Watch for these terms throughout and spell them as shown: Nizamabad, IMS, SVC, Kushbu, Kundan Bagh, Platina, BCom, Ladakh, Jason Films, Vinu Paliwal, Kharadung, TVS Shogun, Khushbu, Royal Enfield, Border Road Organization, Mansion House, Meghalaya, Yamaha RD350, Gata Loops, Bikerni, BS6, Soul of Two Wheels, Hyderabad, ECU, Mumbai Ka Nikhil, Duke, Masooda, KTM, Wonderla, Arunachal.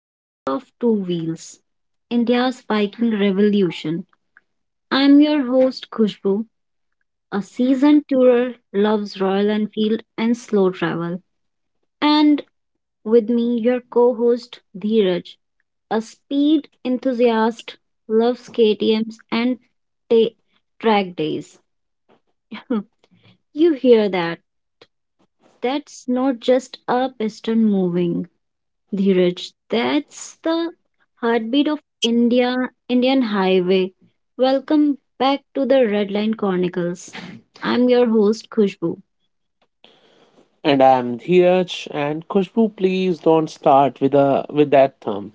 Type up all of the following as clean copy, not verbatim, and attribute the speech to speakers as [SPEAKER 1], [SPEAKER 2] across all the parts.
[SPEAKER 1] Soul of Two Wheels, India's Biking Revolution. I'm your host Khushbu, a seasoned tourer, loves Royal Enfield and slow travel. And with me, your co host Dheeraj, a speed enthusiast, loves KTMs and ta- track days. You hear that? That's not just a piston moving. Dhiraj, that's the heartbeat of India, Indian Highway. Welcome back to the Red Line Chronicles. I'm your host, Khushbu.
[SPEAKER 2] And I'm Dheeraj. And Kushbu, please don't start with that thumb.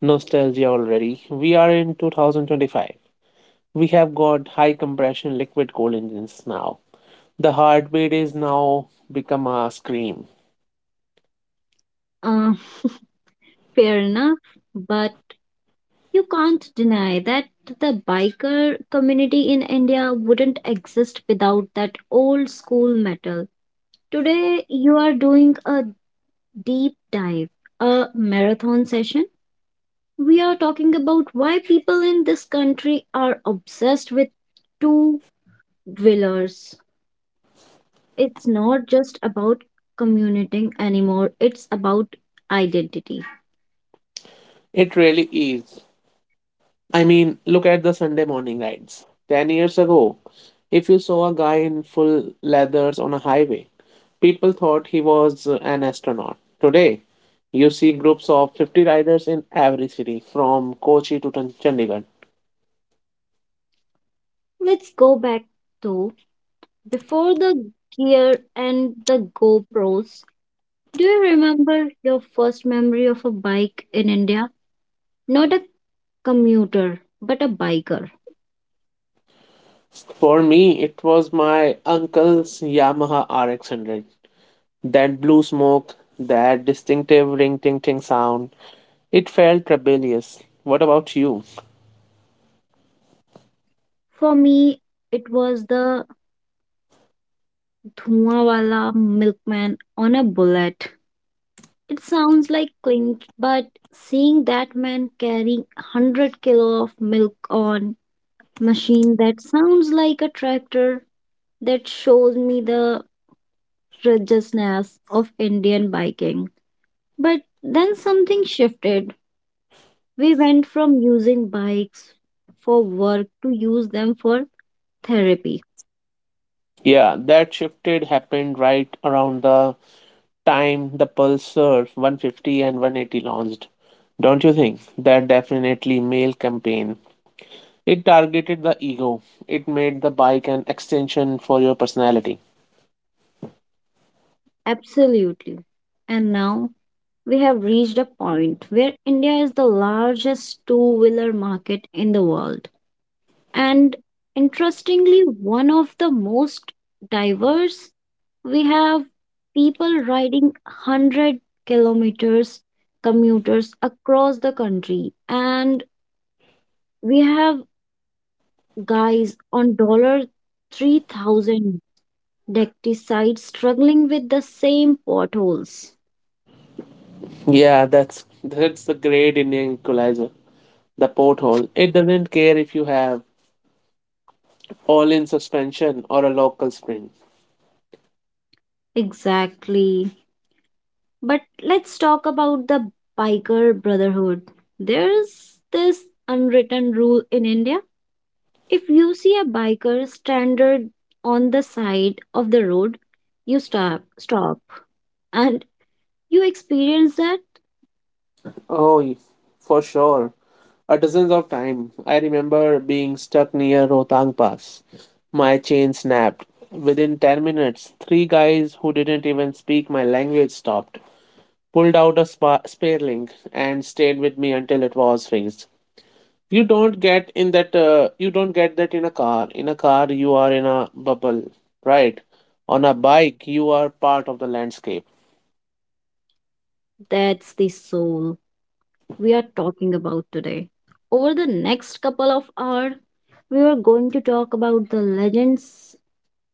[SPEAKER 2] Nostalgia already. We are in 2025. We have got high compression liquid coal engines now. The heartbeat is now become a scream.
[SPEAKER 1] Uh, fair enough, but you can't deny that the biker community in India wouldn't exist without that old school metal. Today, you are doing a deep dive, a marathon session, we are talking about why people in this country are obsessed with two wheelers. It's not just about commuting anymore, it's about identity.
[SPEAKER 2] It really is. I mean, look at the Sunday morning rides. 10 years ago, if you saw a guy in full leathers on a highway, people thought he was an astronaut. Today, you see groups of 50 riders in every city from Kochi to Chandigarh.
[SPEAKER 1] Let's go back though. Before the gear and the GoPros, do you remember your first memory of a bike in India? Not a commuter, but a biker.
[SPEAKER 2] For me, it was my uncle's Yamaha RX100. That blue smoke, that distinctive ring ting ting sound, it felt rebellious. What about you?
[SPEAKER 1] For me, it was the Dhuwawala milkman on a bullet. It sounds like clinch, but seeing that man carrying 100 kilo of milk on machine that sounds like a tractor that shows me the righteousness of Indian biking. But then something shifted. We went from using bikes for work to use them for therapy.
[SPEAKER 2] Yeah, that shifted happened right around the time the Pulsar 150 and 180 launched, don't you think? That definitely male campaign. It targeted the ego. It made the bike an extension for your personality.
[SPEAKER 1] Absolutely. And now we have reached a point where India is the largest two wheeler market in the world. And interestingly, one of the most diverse, we have people riding 100 kilometers commuters across the country. And we have guys on dollar 3000 decticides struggling with the same potholes.
[SPEAKER 2] Yeah, that's the great Indian equalizer. The porthole. It doesn't care if you have all-in suspension or a local sprint.
[SPEAKER 1] Exactly. But let's talk about the biker brotherhood. There's this unwritten rule in India. If you see a biker stranded on the side of the road, you stop, and you experience that.
[SPEAKER 2] Oh, for sure. A dozens of times. I remember being stuck near Rotang Pass. My chain snapped. Within 10 minutes, three guys who didn't even speak my language stopped, pulled out a spare link, and stayed with me until it was fixed. You don't get in that. You don't get that in a car. In a car, you are in a bubble, right? On a bike, you are part of the landscape.
[SPEAKER 1] That's the soul we are talking about today. Over the next couple of hours, we are going to talk about the legends,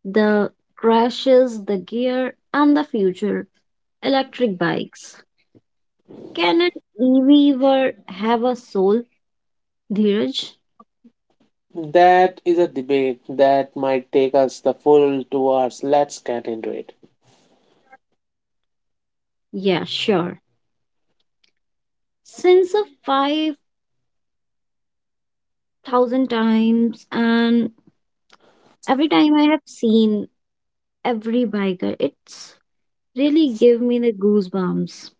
[SPEAKER 1] the crashes, the gear, and the future. Electric bikes. Can an EV ever have a soul, Dheeraj?
[SPEAKER 2] That is a debate that might take us the full 2 hours. Let's get into it.
[SPEAKER 1] Yeah, sure. Since a 5 thousand times, and every time I have seen every biker, it's really give me the goosebumps.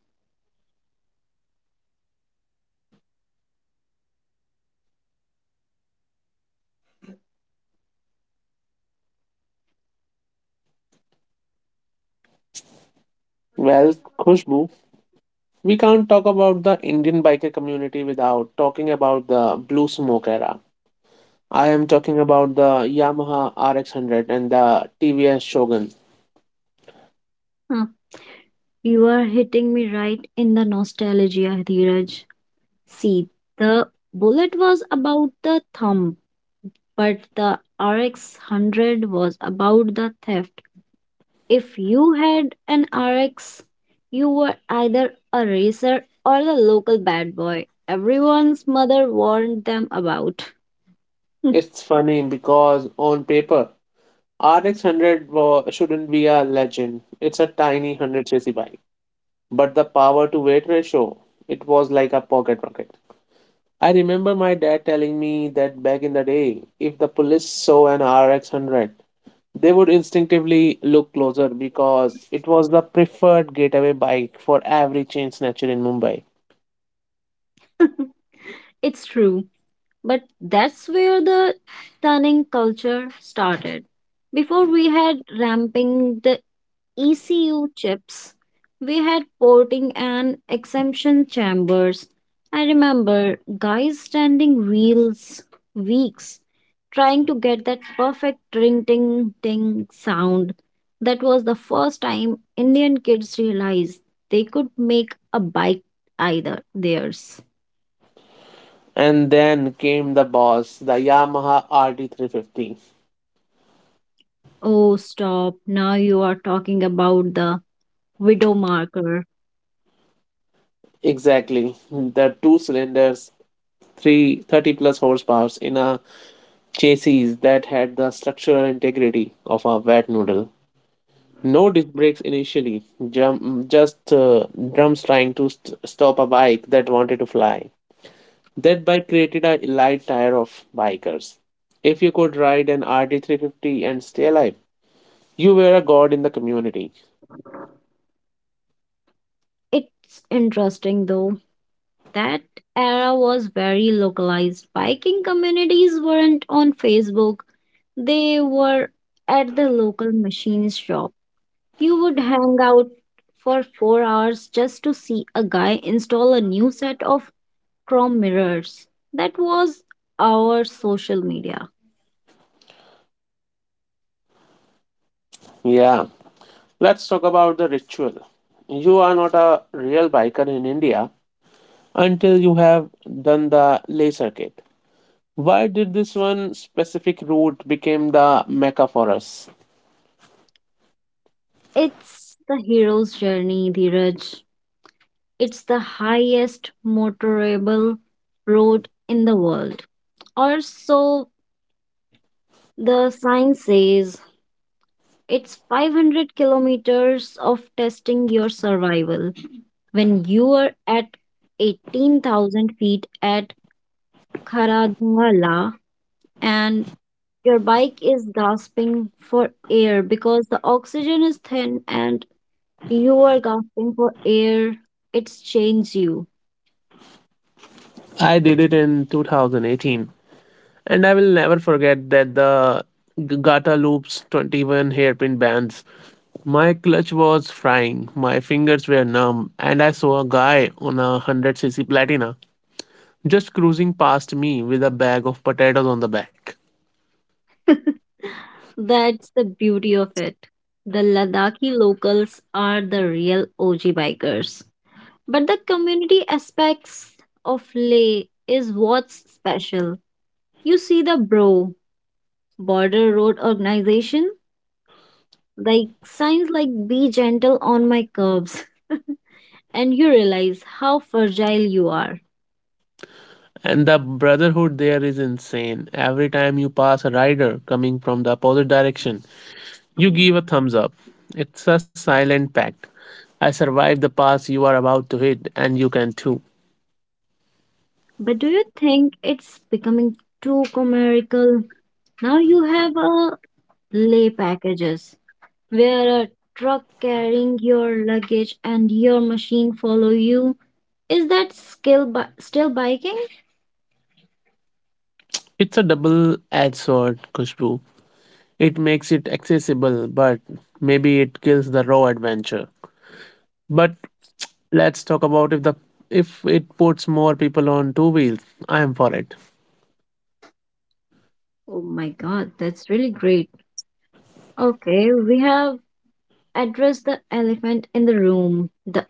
[SPEAKER 2] Well, Khushbu, we can't talk about the Indian biker community without talking about the blue smoke era. I am talking about the Yamaha RX100 and the TVS Shogun.
[SPEAKER 1] Huh. You are hitting me right in the nostalgia, Dheeraj. See, the bullet was about the thumb, but the RX 100 was about the theft. If you had an RX, you were either a racer or the local bad boy. Everyone's mother warned them about.
[SPEAKER 2] It's funny because on paper, RX100 shouldn't be a legend. It's a tiny 100cc bike. But the power to weight ratio, it was like a pocket rocket. I remember my dad telling me that back in the day, if the police saw an RX100, they would instinctively look closer because it was the preferred getaway bike for every chain snatcher in Mumbai.
[SPEAKER 1] It's true, but that's where the stunning culture started. Before we had ramping the ECU chips, we had porting and exemption chambers. I remember guys standing reels weeks trying to get that perfect ring ting ting sound. That was the first time Indian kids realized they could make a bike either theirs.
[SPEAKER 2] And then came the boss, the Yamaha RD350.
[SPEAKER 1] Oh, stop. Now you are talking about the widow marker.
[SPEAKER 2] Exactly, the two cylinders, 330 plus horsepower in a chassis that had the structural integrity of a wet noodle. No disc brakes initially, jump, just drums trying to stop a bike that wanted to fly. That bike created a light tier of bikers. If you could ride an RT 350 and stay alive, you were a god in the community.
[SPEAKER 1] It's interesting though. That era was very localized. Viking communities weren't on Facebook, they were at the local machine shop. You would hang out for 4 hours just to see a guy install a new set of chrome mirrors. That was our social media.
[SPEAKER 2] Yeah, let's talk about the ritual. You are not a real biker in India until you have done the lay circuit. Why did this one specific route become the mecca for us?
[SPEAKER 1] It's the hero's journey, Dheeraj. It's the highest motorable road in the world. Or so the sign says. It's 500 kilometers of testing your survival. When you are at 18,000 feet at Kharadwala and your bike is gasping for air because the oxygen is thin and you are gasping for air, it's changed you.
[SPEAKER 2] I did it in 2018, and I will never forget that the Gata Loops 21 hairpin bands. My clutch was frying, my fingers were numb, and I saw a guy on a 100cc Platina just cruising past me with a bag of potatoes on the back.
[SPEAKER 1] That's the beauty of it. The Ladakhi locals are the real OG bikers. But the community aspects of Leh is what's special. You see the Bro Border Road Organization, like signs like "be gentle on my curbs," and you realize how fragile you are.
[SPEAKER 2] And the brotherhood there is insane. Every time you pass a rider coming from the opposite direction, you give a thumbs up. It's a silent pact. I survived the pass you are about to hit, and you can too.
[SPEAKER 1] But do you think it's becoming too commercial? Now you have a Leh packages where a truck carrying your luggage and your machine follow you. Is that skill still biking?
[SPEAKER 2] It's a double edged sword, Kushbu. It makes it accessible, but maybe it kills the raw adventure. But let's talk about if it puts more people on two wheels. I am for it.
[SPEAKER 1] Oh my god, that's really great. Okay, we have addressed the elephant in the room, the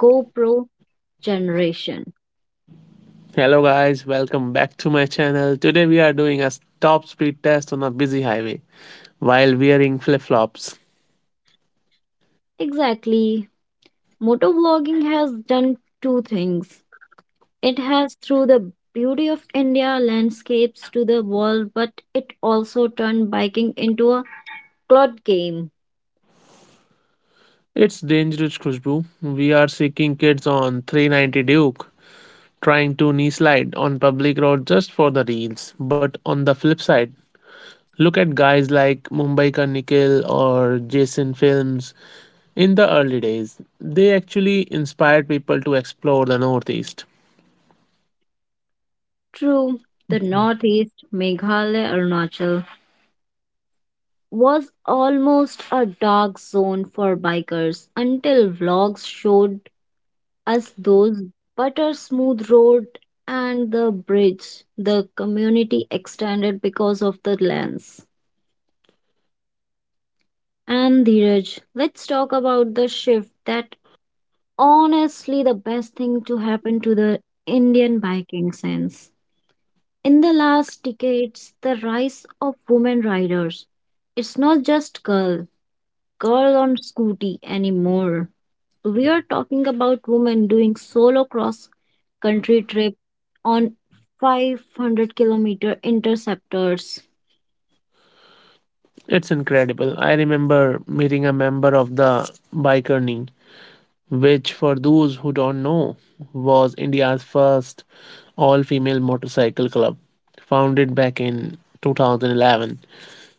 [SPEAKER 1] GoPro generation.
[SPEAKER 2] Hello guys, welcome back to my channel. Today we are doing a top speed test on a busy highway while wearing flip-flops.
[SPEAKER 1] Exactly. Motovlogging has done two things. It has through the beauty of India landscapes to the world, but it also turned biking into a cloud game.
[SPEAKER 2] It's dangerous, Khushbu. We are seeking kids on 390 Duke trying to knee slide on public road just for the reels. But on the flip side, look at guys like Mumbai Ka Nikhil or Jason Films. In the early days, they actually inspired people to explore the Northeast.
[SPEAKER 1] True, the northeast, Meghalaya, Arunachal, was almost a dark zone for bikers until vlogs showed us those butter smooth road and the bridge the community extended because of the lands. And Dheeraj, let's talk about the shift that honestly the best thing to happen to the Indian biking sense. In the last decades, the rise of women riders. It's not just girl on scooty anymore. We are talking about women doing solo cross country trip on 500-kilometer interceptors.
[SPEAKER 2] It's incredible. I remember meeting a member of the Bikerni, which, for those who don't know, was India's first all female motorcycle club, founded back in 2011.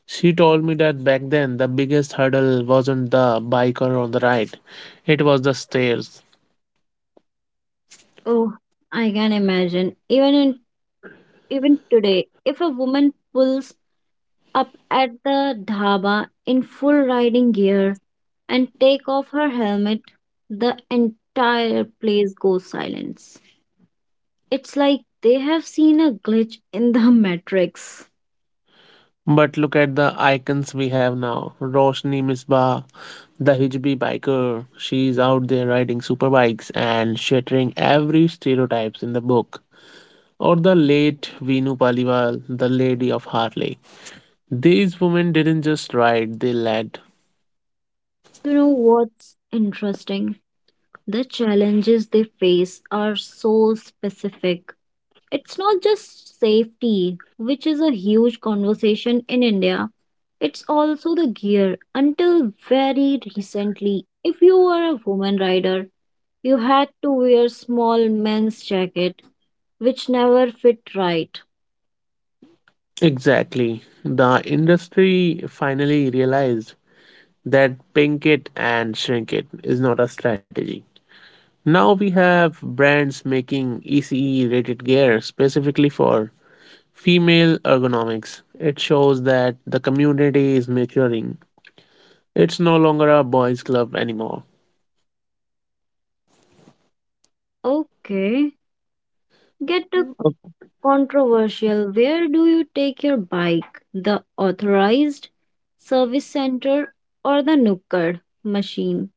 [SPEAKER 2] She told me that back then the biggest hurdle wasn't the bike or on the ride, it was the stairs.
[SPEAKER 1] Oh, I can imagine. Even today, if a woman pulls up at the dhaba in full riding gear and take off her helmet, the entire place goes silence. It's like they have seen a glitch in the matrix.
[SPEAKER 2] But look at the icons we have now. Roshni Misbah, the hijabi biker. She's out there riding superbikes and shattering every stereotypes in the book. Or the late Vinu Paliwal, the lady of Harley. These women didn't just ride, they led.
[SPEAKER 1] You know what's interesting? The challenges they face are so specific. It's not just safety, which is a huge conversation in India. It's also the gear. Until very recently, if you were a woman rider, you had to wear small men's jacket, which never fit right.
[SPEAKER 2] Exactly. The industry finally realized that pink it and shrink it is not a strategy. Now we have brands making ECE rated gear specifically for female ergonomics. It shows that the community is maturing. It's no longer a boys' club anymore.
[SPEAKER 1] Okay, get the
[SPEAKER 2] Okay.
[SPEAKER 1] controversial. Where do you take your bike? The authorized service center or the Nukkad machine?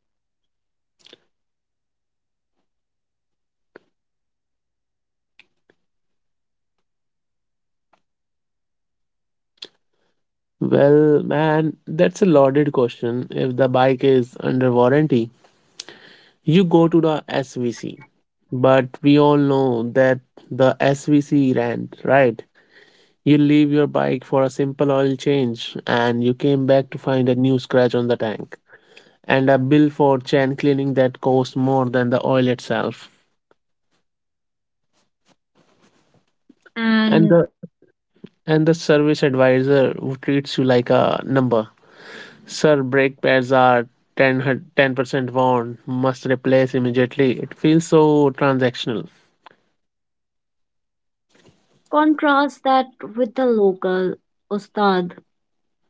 [SPEAKER 2] Well, man, that's a loaded question. If the bike is under warranty, you go to the SVC. But we all know that the SVC ran, right? You leave your bike for a simple oil change and you came back to find a new scratch on the tank and a bill for chain cleaning that cost more than the oil itself. And
[SPEAKER 1] And
[SPEAKER 2] the and the service advisor who treats you like a number. Sir, brake pads are 10% worn, must replace immediately. It feels so transactional.
[SPEAKER 1] contrast that with the local ustad.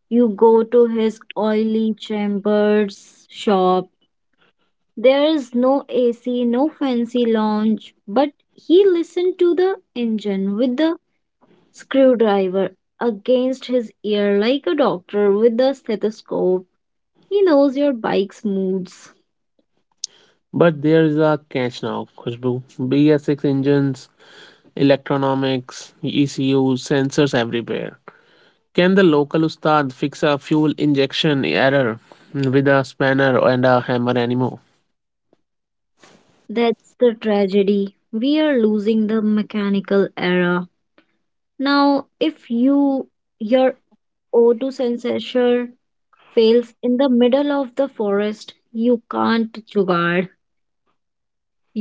[SPEAKER 1] You go to his oily chambers shop. There is no AC, no fancy lounge, but he listened to the engine with the screwdriver against his ear like a doctor with a stethoscope. He knows your bike's moods.
[SPEAKER 2] But there is a catch now, Khushbu. BS6 engines, electronomics, ECU, sensors everywhere. Can the local ustad fix a fuel injection error with a spanner and a hammer anymore?
[SPEAKER 1] That's the tragedy. We are losing the mechanical era. Now, if you, your O2 sensor fails in the middle of the forest, you can't jugaad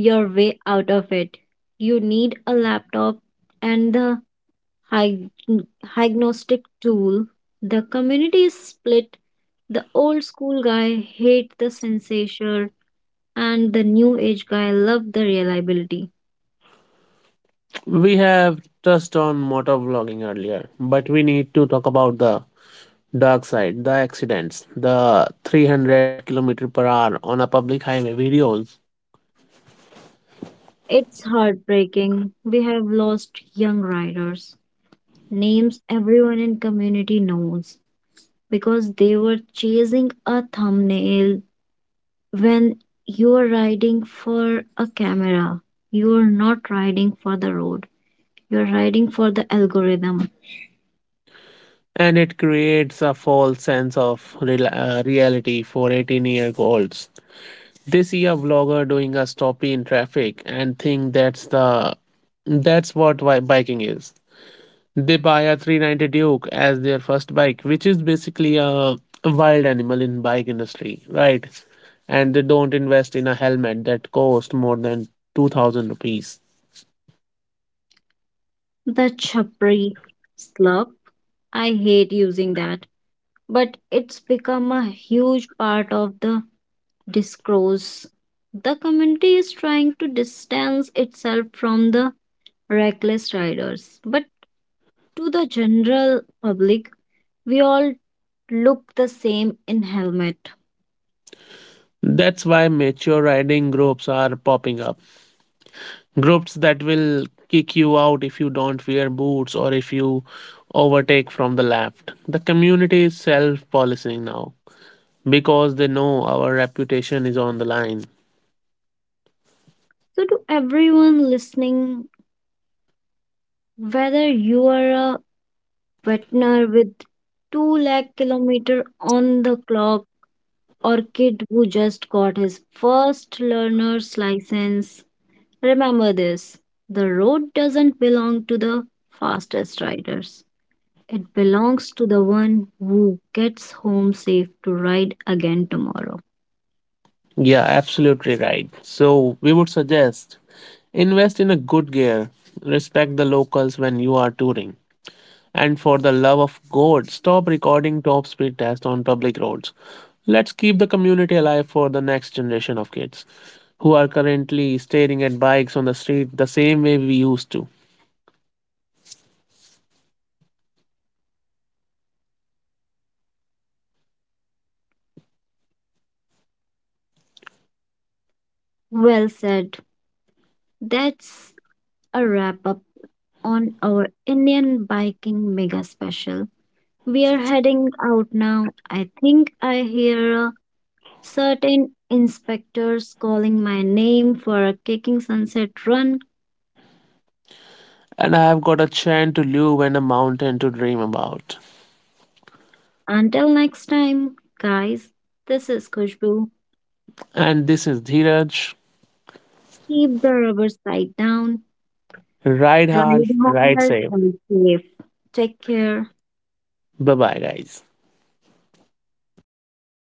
[SPEAKER 1] your way out of it. You need a laptop and the hy- hygnostic tool. The community is split. The old school guy hate the sensation and the new age guy love the reliability.
[SPEAKER 2] We have touched on motor vlogging earlier, but we need to talk about the dark side, the accidents, the 300 kilometer per hour on a public highway videos.
[SPEAKER 1] It's heartbreaking. We have lost young riders. Names everyone in community knows because they were chasing a thumbnail. When you're riding for a camera, you're not riding for the road, you're riding for the algorithm.
[SPEAKER 2] And it creates a false sense of reality for 18-year olds. They see a vlogger doing a stoppie in traffic and think that's what biking is. They buy a 390 duke as their first bike, which is basically a wild animal in bike industry, right? And they don't invest in a helmet that costs more than 2,000 rupees.
[SPEAKER 1] The chapri slurp, I hate using that, but it's become a huge part of the discourse. The community is trying to distance itself from the reckless riders, but to the general public, we all look the same in helmet.
[SPEAKER 2] That's why mature riding groups are popping up. Groups that will kick you out if you don't wear boots or if you overtake from the left. The community is self policing now because they know our reputation is on the line.
[SPEAKER 1] So, to everyone listening, whether you are a veteran with 2 lakh kilometer on the clock or kid who just got his first learner's license, remember this. The road doesn't belong to the fastest riders. It belongs to the one who gets home safe to ride again tomorrow.
[SPEAKER 2] Yeah, absolutely right. So, we would suggest invest in a good gear, respect the locals when you are touring, and for the love of God, stop recording top speed tests on public roads. Let's keep the community alive for the next generation of kids who are currently staring at bikes on the street the same way we used to.
[SPEAKER 1] Well said. That's a wrap up on our Indian biking mega special. We are heading out now. I think I hear certain inspectors calling my name for a kicking sunset run.
[SPEAKER 2] And I have got a chant to live and a mountain to dream about.
[SPEAKER 1] Until next time, guys, this is Kushbu.
[SPEAKER 2] And this is Dheeraj.
[SPEAKER 1] Keep the rubber side down,
[SPEAKER 2] Ride hard,
[SPEAKER 1] ride
[SPEAKER 2] ride
[SPEAKER 1] hard,
[SPEAKER 2] safe.
[SPEAKER 1] ride safe. Take care.
[SPEAKER 2] Bye bye, guys.